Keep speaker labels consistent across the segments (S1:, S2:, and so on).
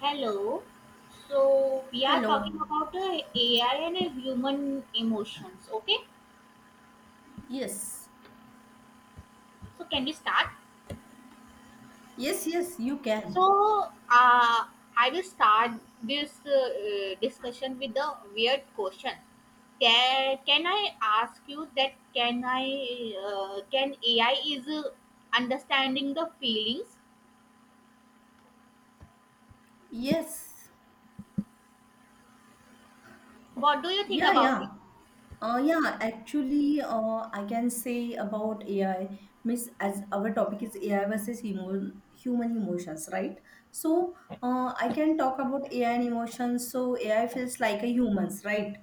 S1: Hello. So we are
S2: Hello.
S1: talking about the AI and human emotions. Okay.
S2: Yes.
S1: So can we start?
S2: Yes, yes, you can.
S1: So uh, I will start this discussion with the weird question. Can I ask you that? Can I? Can AI is understanding the feelings?
S2: Yes.
S1: What do you think
S2: Yeah,
S1: about
S2: yeah.
S1: it?
S2: Yeah, actually, I can say about AI, Miss, as our topic is AI versus emo human emotions, right? So, I can talk about AI and emotions. So, AI feels like a humans, right?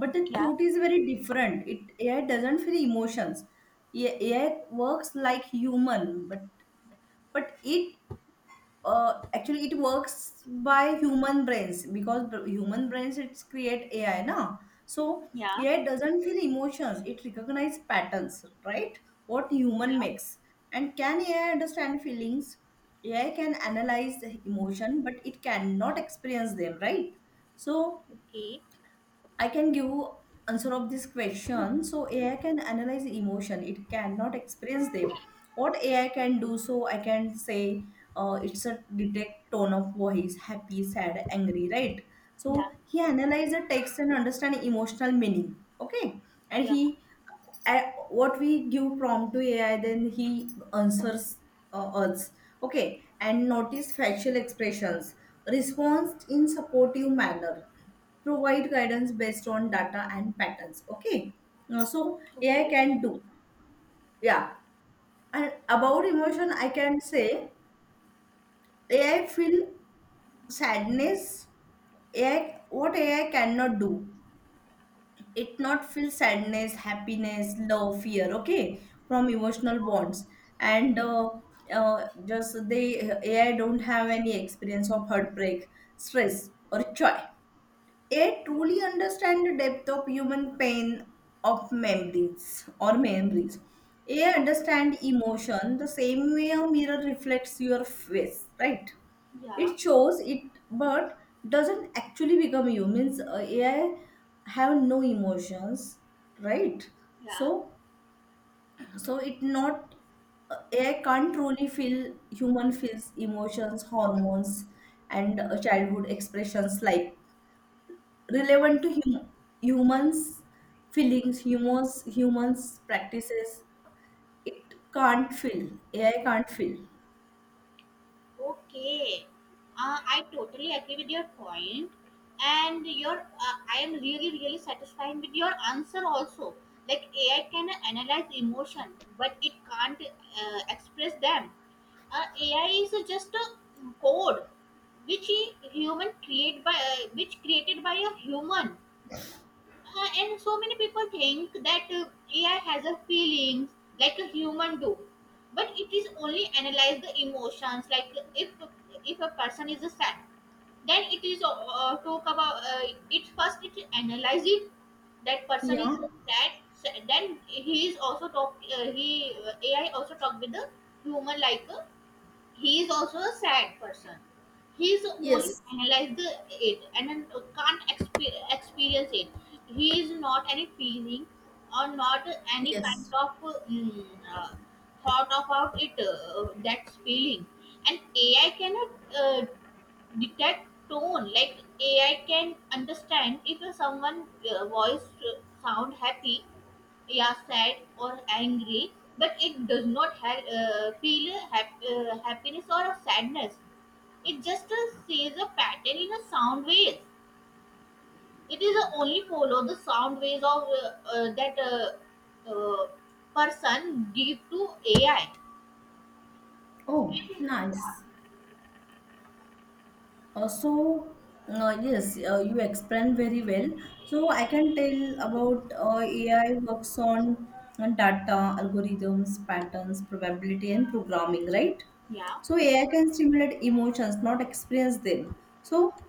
S2: But the
S1: Yeah.
S2: truth is very different. It AI doesn't feel emotions. AI works like human, but it actually it works by human brains because human brains it's create AI now. So
S1: Yeah.
S2: AI doesn't feel emotions; it recognizes patterns, right? What human
S1: Yeah.
S2: makes, and can AI understand feelings? AI can analyze the emotion, but it cannot experience them, right? So
S1: Okay.
S2: I can give answer of this question. So AI can analyze emotion. It cannot experience them. What AI can do, so I can say it's a detect tone of voice, happy, sad, angry, right?
S1: Yeah.
S2: So he analyze the text and understand emotional meaning. Okay, and
S1: Yeah.
S2: he what we give prompt to AI, then he answers us. Okay, and notice facial expressions, response in supportive manner, provide guidance based on data and patterns, okay. So AI
S1: Okay.
S2: can do, yeah. And about emotion I can say AI feel sadness. AI, what AI cannot do, it not feel sadness, happiness, love, fear, okay, from emotional bonds. And uh, uh, just they AI don't have any experience of heartbreak, stress, or joy. AI
S1: Yeah.
S2: truly understand the depth of human pain, of memories or memories. AI understand emotion the same way a mirror reflects your face, right?
S1: Yeah.
S2: It shows it, but doesn't actually become you. Means AI have no emotions, right?
S1: Yeah.
S2: So, so it not AI can't truly feel human feels emotions, hormones, and childhood expressions like relevant to humans feelings, humans, humans practices. It can't fill. AI can't fill.
S1: Okay, I totally agree with your point, and your I am really satisfied with your answer also. Like AI can analyze emotion, but it can't express them. AI is just a code which a human create by which created by a human. And so many people think that AI has a feelings like a human do, but it is only analyze the emotions. Like if a person is sad, then it is talk about it first. It analyze it that person is
S2: Yeah.
S1: sad. Then he is also talk. He AI also talk with the human like. He is also a sad person. He's only
S2: Yes.
S1: analyzed it, and then can't experience it. He is not any feeling or not any
S2: Yes.
S1: kind of mm, uh, thought about it, that's feeling. And AI cannot uh, detect tone. Like AI can understand if someone voice sound happy, yeah, sad, or angry, but it does not feel happiness or a sadness. It just says a pattern in a sound waves. It is only follow the sound waves of that uh, person give to AI.
S2: Oh, nice. Uh, so, yes, you explained very well. So, I can tell about AI works on data, algorithms, patterns, probability, and programming, right?
S1: Yeah.
S2: So, AI can stimulate emotions, not experience them. So,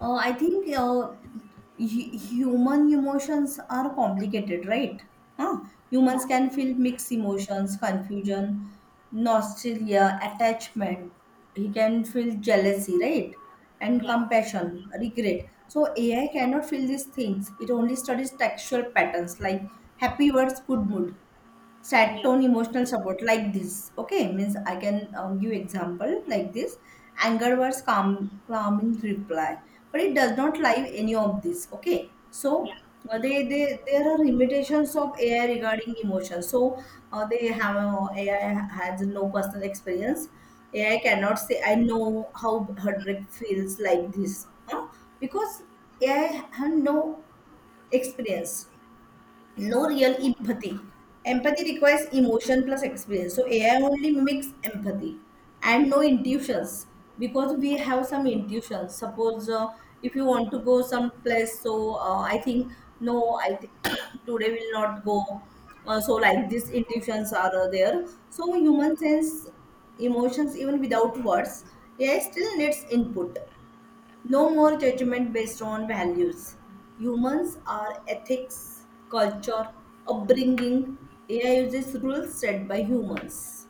S2: I think human emotions are complicated, right? Huh?
S1: Yeah.
S2: Humans can feel mixed emotions, confusion, nostalgia, attachment. He can feel jealousy, right? And
S1: Yeah.
S2: compassion, regret. So AI cannot feel these things. It only studies textual patterns like happy words, good mood, sad
S1: Yeah.
S2: tone, emotional support like this, okay. Means I can give example like this, anger was calm, calming reply, but it does not live any of this, okay. So
S1: Yeah.
S2: they there are limitations of AI regarding emotion. So they have AI has no personal experience. AI cannot say I know how heartbreak feels like this, huh? Because AI have no experience, no real empathy. Empathy requires emotion plus experience. So AI only mimics empathy and no intuitions, because we have some intuitions. Suppose if you want to go some place, so I think no, I think today will not go. So like these intuitions are there. So human sense emotions even without words. AI still needs input. No more judgment based on values. Humans are ethics, culture, upbringing. AI uses rules set by humans.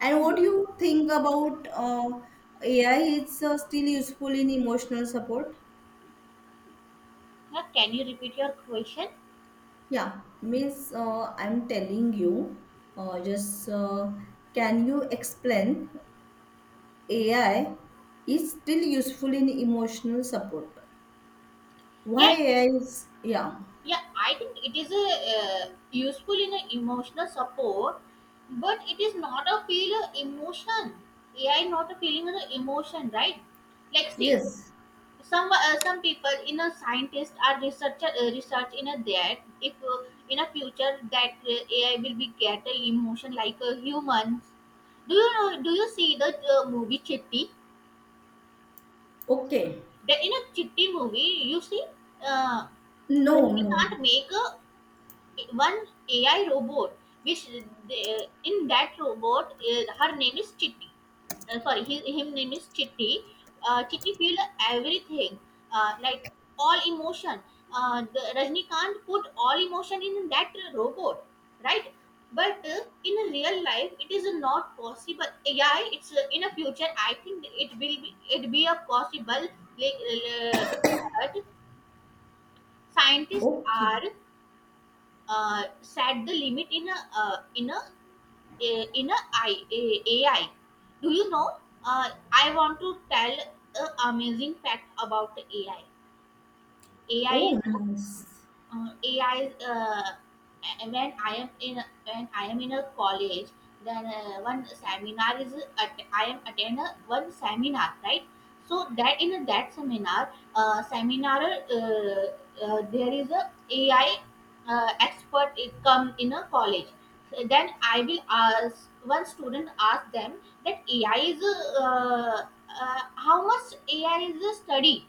S2: And what do you think about AI? It's still useful in emotional support.
S1: Yeah. Can you repeat your question?
S2: Yeah, means I'm telling you, just can you explain AI is still useful in emotional support? Why
S1: Yeah.
S2: AI is, yeah,
S1: Yeah, I think it is a uh, useful in a emotional support, but it is not a feel a emotion. AI not a feeling an emotion, right? Like, see,
S2: yes,
S1: some people in a scientist are researcher research in a that if in a future that AI will be get a emotion like a humans. Do you know? Do you see the movie Chitti?
S2: okay.
S1: The in a Chitti movie you see uh,
S2: No,
S1: he
S2: no.
S1: can't make a one AI robot, which they, in that robot, her name is Chitti. Sorry, his him name is Chitti. Chitti feel everything, like all emotion. The Rajnikant put all emotion in that robot, right? But in a real life, it is not possible. AI, it's in a future. I think it will be it be a possible. Like, but scientists
S2: Okay.
S1: are set the limit in a in a in a AI. Do you know? I want to tell an amazing fact about AI. AI is
S2: Oh, nice.
S1: AI. And when I am in a college, then one seminar is at, I am attend a, one seminar, right? So that in that seminar, there is a AI expert it come in a college. So then I will ask one student ask them that AI is uh, how much AI is a study.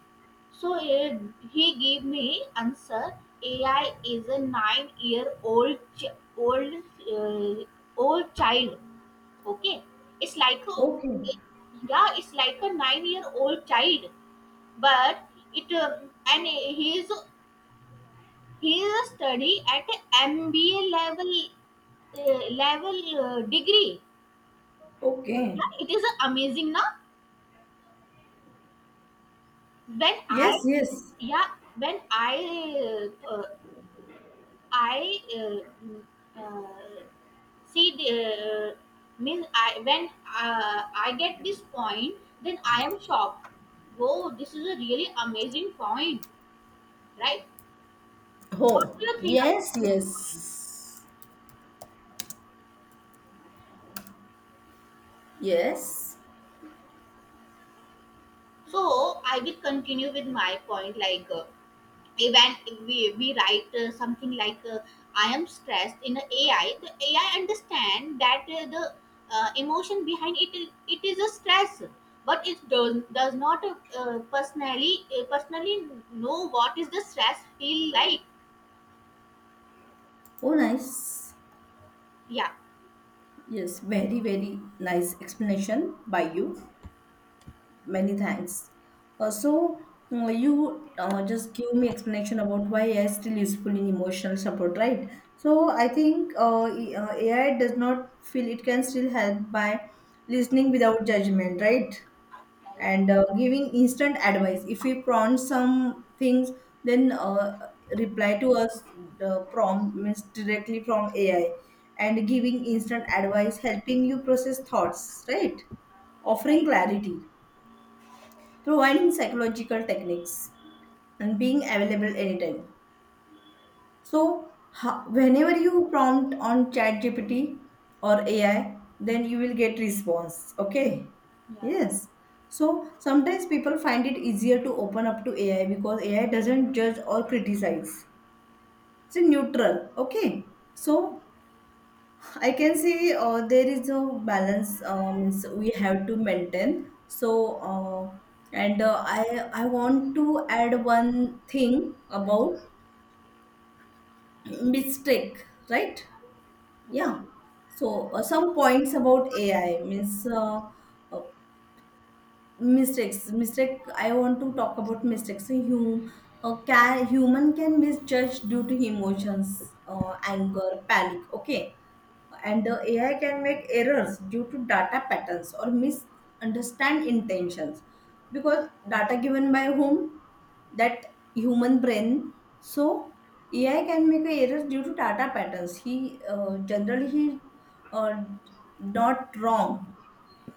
S1: So he gave me answer. AI is a 9-year-old old uh, old child. Okay, it's like a
S2: Okay.
S1: yeah, it's like a 9-year-old child, but it and he is a study at MBA level uh, level degree. Yeah,
S2: Okay.
S1: it is amazing now. When
S2: Yes,
S1: I
S2: yes.
S1: yeah when I uh, see the means I when I get this point, then I am shocked. Whoa, this is a really amazing point, right? What do
S2: Oh,
S1: you think
S2: yes,
S1: about this point?
S2: yes. Yes.
S1: So I will continue with my point like even if we write something like I am stressed in the AI. The AI understand that the emotion behind it is a stress, but it does not personally know what is the stress feel like.
S2: Oh, nice.
S1: Yeah.
S2: Yes, very, very nice explanation by you. Many thanks. Uh, so, you just give me explanation about why AI is still useful in emotional support, right? So, I think AI does not feel, it can still help by listening without judgment, right?
S1: Right.
S2: And giving instant advice. If we prompt some things, then reply to us, the prompt means directly from AI, and giving instant advice, helping you process thoughts, right? Offering
S1: Right.
S2: clarity, providing psychological techniques, and being available anytime. So, whenever you prompt on ChatGPT or AI, then you will get response. Okay.
S1: Yeah.
S2: Yes. So sometimes people find it easier to open up to AI because AI doesn't judge or criticize. It's neutral. Okay. So I can say there is a balance, so we have to maintain. And I want to add one thing about mistake, right? Yeah.
S1: Okay.
S2: So some points about AI, means uh, mistake, I want to talk about mistakes. So human can misjudge due to emotions, anger, panic, okay, and the AI can make errors due to data patterns or misunderstand intentions, because data given by whom? That human brain. So AI can make errors due to data patterns. He generally he uh, not wrong,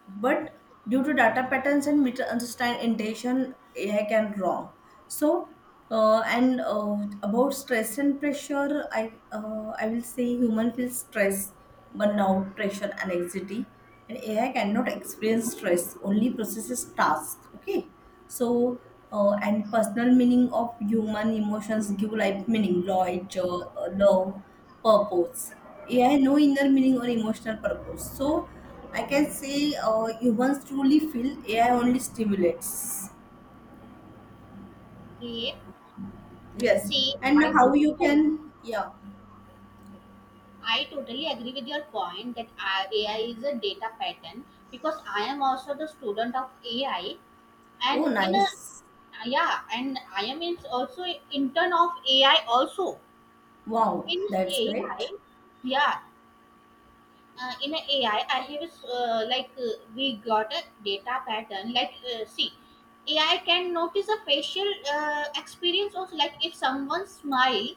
S2: but due to data patterns and misunderstand intention, AI can wrong. So and about stress and pressure, I will say human feels stress, burnout, pressure, and anxiety, and AI cannot experience stress, only processes task, okay. So and personal meaning of human emotions give life meaning, love, purpose. AI no inner meaning or emotional purpose. So I can say humans truly feel, AI only stimulates.
S1: Okay,
S2: Yes,
S1: see,
S2: and how you can, yeah.
S1: I totally agree with your point that AI is a data pattern, because I am also the student of AI,
S2: Oh,
S1: and in a
S2: nice.
S1: Yeah, and I am in also intern of AI also.
S2: Wow,
S1: In
S2: that's great.
S1: AI, yeah, in a AI, I have like we got a data pattern. Like see, AI can notice a facial experience also. Like if someone smiles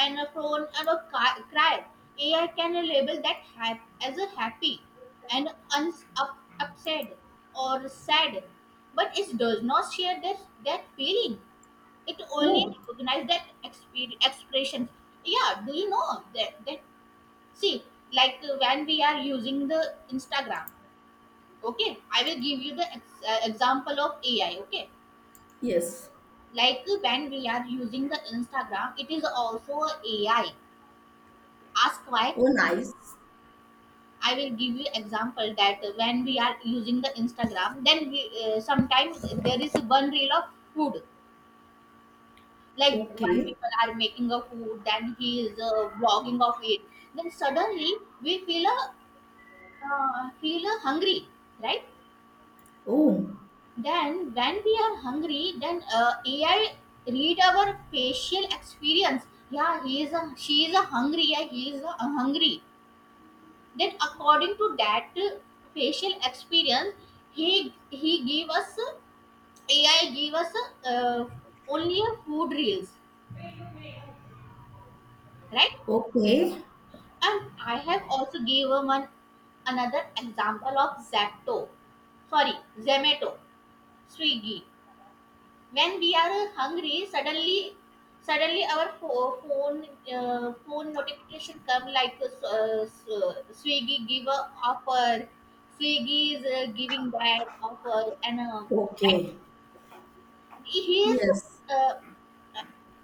S1: and a phone and a cry, AI can label that as a happy and upset or sad, but it does not share that that feeling. It only
S2: Oh,
S1: recognize that expressions. Yeah. Do you know that that see, like when we are using the Instagram. Okay, I will give you the example of AI. Okay,
S2: yes.
S1: like when we are using the Instagram, it is also a AI, ask why.
S2: Oh, nice.
S1: I will give you example that when we are using the Instagram then we sometimes there is one reel of food. Like one
S2: Okay.
S1: people are making a food, then he is vlogging of it. Then suddenly we feel a feel a hungry, right?
S2: Oh,
S1: Then when we are hungry, then AI read our facial experience. Yeah, he is a she is a hungry. Yeah, he is a hungry. Then according to that facial experience, he give us AI give us uh, only a food reels, right?
S2: okay.
S1: And I have also gave him an, another example of Zapto. Sorry, Zomato, Swiggy. When we are hungry, suddenly our phone phone notification come like Swiggy give a offer. Swiggy is giving that offer, and right?
S2: Okay.
S1: He is
S2: Yes.
S1: uh,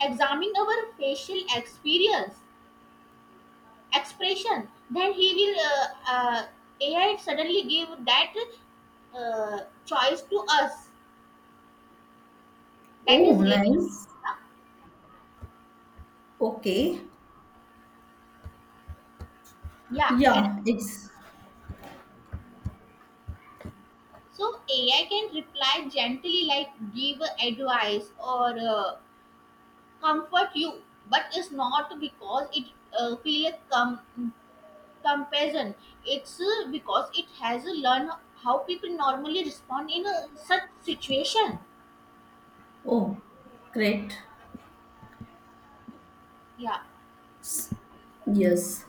S1: examining our facial experience expression, then he will AI suddenly give that choice to us. That
S2: Oh,
S1: is really
S2: nice.
S1: huh?
S2: Okay.
S1: Yeah. And
S2: Yeah, it's
S1: so AI can reply gently, like give advice or comfort you, but it's not because it feel compassion. It's because it has learned how people normally respond in a such situation.
S2: oh, great.
S1: Yeah.
S2: Yes.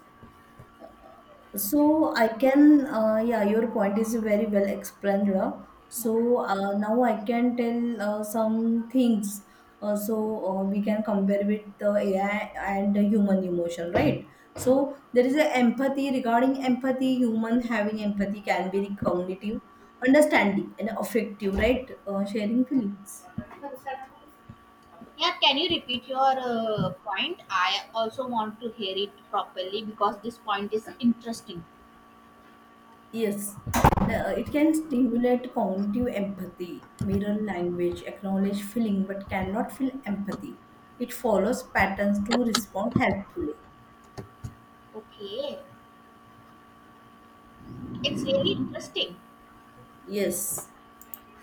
S2: So I can, yeah, your point is very well explained. Ra.
S1: Yeah.
S2: So now I can tell some things. We can compare with the AI and the human emotion, right?
S1: Yeah.
S2: So there is a empathy. Regarding empathy, human having empathy can be cognitive, understanding, and affective, right? Sharing feelings.
S1: Yeah, can you repeat your point? I also want to hear it properly because this point is interesting.
S2: Yes, it can stimulate cognitive empathy, mirror language, acknowledge feeling, but cannot feel empathy. It follows patterns to respond helpfully.
S1: Okay, it's really interesting.
S2: Yes,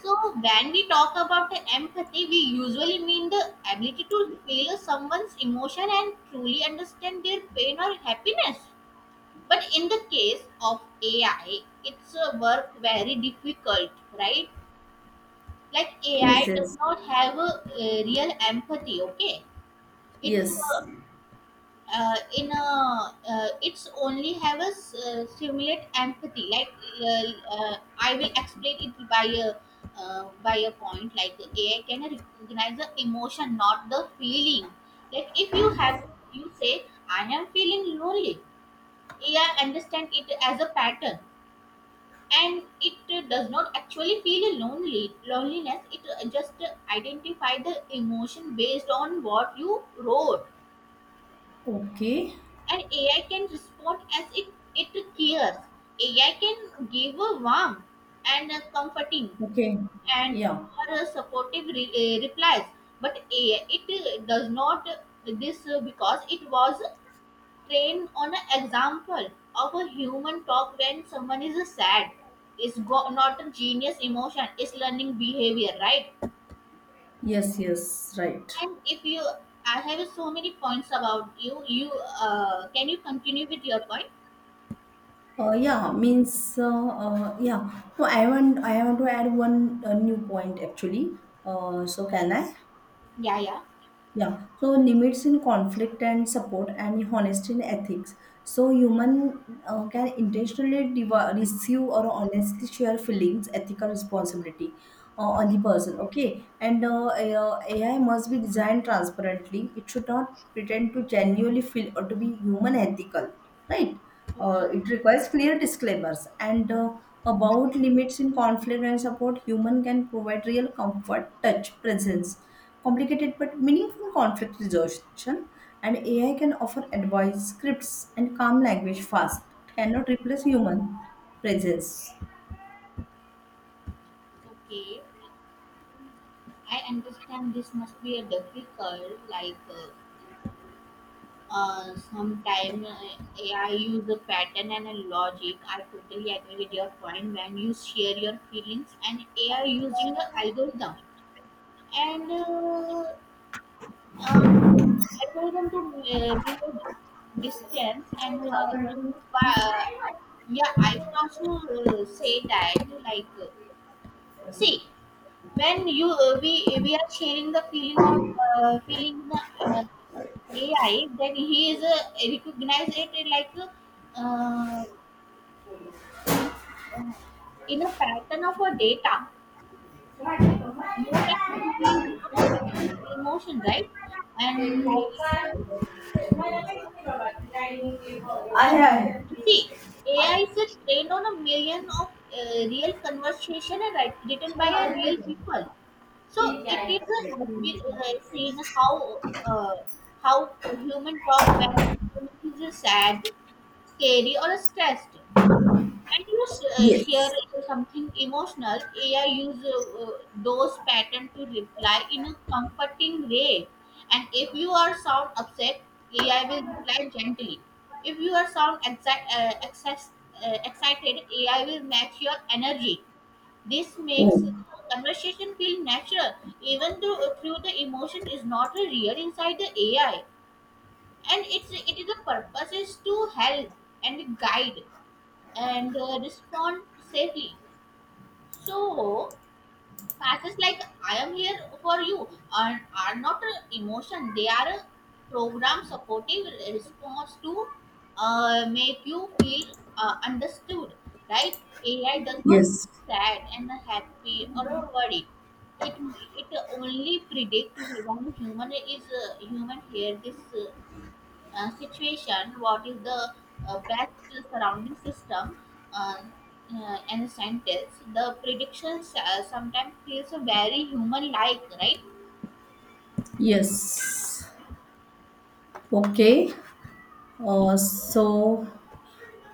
S1: So, when we talk about the empathy, we usually mean the ability to feel someone's emotion and truly understand their pain or happiness. But in the case of AI, it's a work very difficult, right? Like
S2: yes,
S1: AI does
S2: yes,
S1: not have a, real empathy. Okay, it's
S2: yes.
S1: in a it's only have a simulate empathy, like I will explain it by a point. Like the AI can recognize the emotion, not the feeling. Like if you have you say I am feeling lonely, AI understand it as a pattern, and it does not actually feel a lonely loneliness. It just identify the emotion based on what you wrote.
S2: Okay,
S1: And AI can respond as if it cares. AI can give a warm and a comforting
S2: okay,
S1: and
S2: yeah,
S1: or a supportive replies, but AI it does not this because it was trained on an example of a human talk when someone is sad. It's not a genius emotion. It's learning behavior, right?
S2: yes, yes, right.
S1: And if you, I have so many points about you. You can you continue with your point?
S2: Yeah, means yeah. No, I want to add one new point actually. So can I?
S1: Yeah, yeah.
S2: Yeah, so limits in conflict and support, and honesty in ethics. So human can intentionally deva receive or honestly share feelings, ethical responsibility on the person. Okay, and AI must be designed transparently. It should not pretend to genuinely feel or to be human ethical, right?
S1: Okay.
S2: It requires clear disclaimers and about limits in conflict and support. Human can provide real comfort, touch, presence, complicated but meaningful conflict resolution. And AI can offer advice, scripts, and calm language fast. It cannot replace human presence.
S1: Okay, I understand this must be a difficult, like sometimes I use a pattern and a logic. I totally agree with your point when you share your feelings and AI using the algorithm and uh, algorithm to be a distance and pa- yeah, I would also say that like see, when you we are sharing the feeling of feeling the uh, AI, then he is recognize it in like uh, in uh, in a pattern of a data. No, that he is not a feeling the emotion, right? And like
S2: आहे
S1: um,
S2: आहे.
S1: see, AI is trained on a million of real conversation and write, written by a real people. So it is a has been seen how human talk when human is sad, scary, or stressed, and you share
S2: Yes.
S1: something emotional. AI use those pattern to reply in a comforting way, and if you are sound upset, AI will reply gently. If you are sound excited, AI will match your energy. This makes
S2: Oh,
S1: conversation feel natural, even though through the emotion is not real inside the AI, and it is the purpose is to help and guide and respond safely. So passes like I am here for you are, are not a emotion, they are a program supportive response to make you feel understood, right? AI does not
S2: yes.
S1: sad and happy or worried. It, it only predict when human is human hear this situation, what is the best surrounding system, uh, and sentence. The predictions sometimes feels very human-like, right?
S2: Yes. Okay. So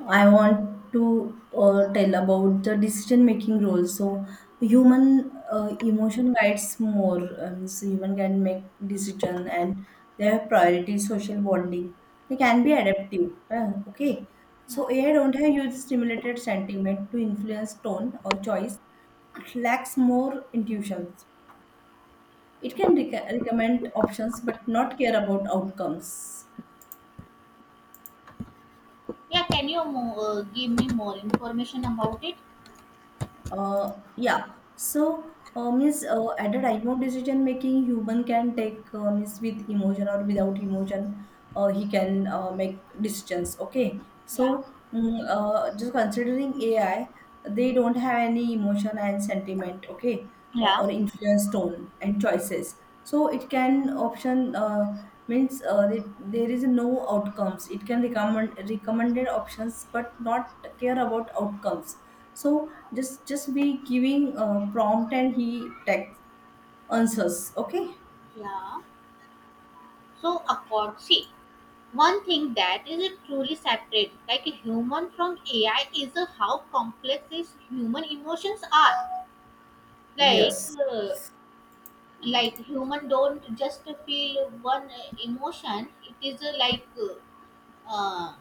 S2: I want to tell about the decision making role. So, human emotion guides more. Human can make decision and they have priority social bonding. They can be adaptive. Okay.
S1: Yeah.
S2: So, AI don't have huge stimulated sentiment to influence tone or choice. It lacks more intuitions. It can recommend options but not care about outcomes.
S1: Yeah. Can you give me more information about it?
S2: Yeah. So, means at a time of decision making, human can take means with emotion or without emotion, he can make decisions. Okay.
S1: Yeah.
S2: So, just considering AI, they don't have any emotion and sentiment. Okay,
S1: Yeah.
S2: or influence tone and choices. So it can option there is no outcomes. It can recommend recommended options, but not care about outcomes. So just be giving a prompt and he text answers. Okay.
S1: Yeah. So, accord. See, one thing that is a truly separate, like a human from AI, is how complex is human emotions are. Like,
S2: Yes.
S1: uh, like human don't just feel one emotion. It is uh,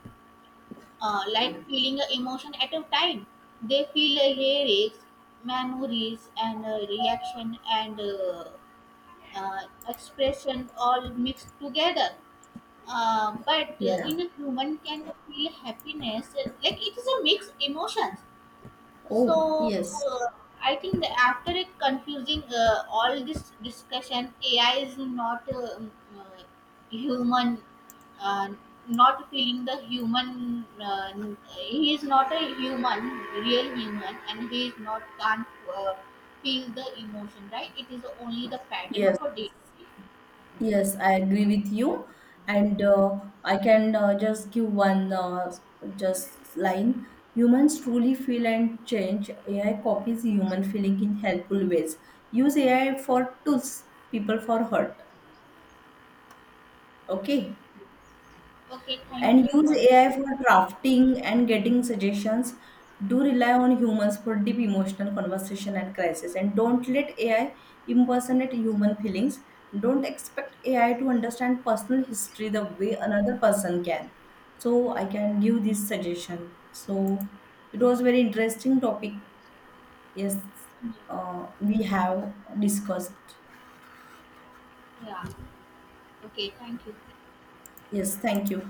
S1: like feeling a emotion at a time. They feel lyrics, memories, and reaction, and uh, expression all mixed together. But
S2: Yeah.
S1: in a human can feel happiness, like it is a mixed emotions.
S2: Oh
S1: So,
S2: yes.
S1: uh, I think that after it confusing all this discussion, AI is not uh, human, uh, not feeling the human. He is not a human, real human, and he is not can't uh, feel the emotion. Right? It is only the pattern
S2: Yes.
S1: of a data.
S2: Yes, I agree with you. And I can just give one just line. Humans truly feel and change. AI copies human feeling in helpful ways. Use AI for tools, people for hurt. Okay.
S1: Okay. Thank
S2: And
S1: you
S2: use
S1: for.
S2: AI for drafting and getting suggestions. Do rely on humans for deep emotional conversation and crisis, and don't let AI impersonate human feelings. Don't expect AI to understand personal history the way another person can. So I can give this suggestion. So it was very interesting topic. Yes, we have discussed.
S1: Yeah. Okay. Thank you.
S2: Yes, thank you.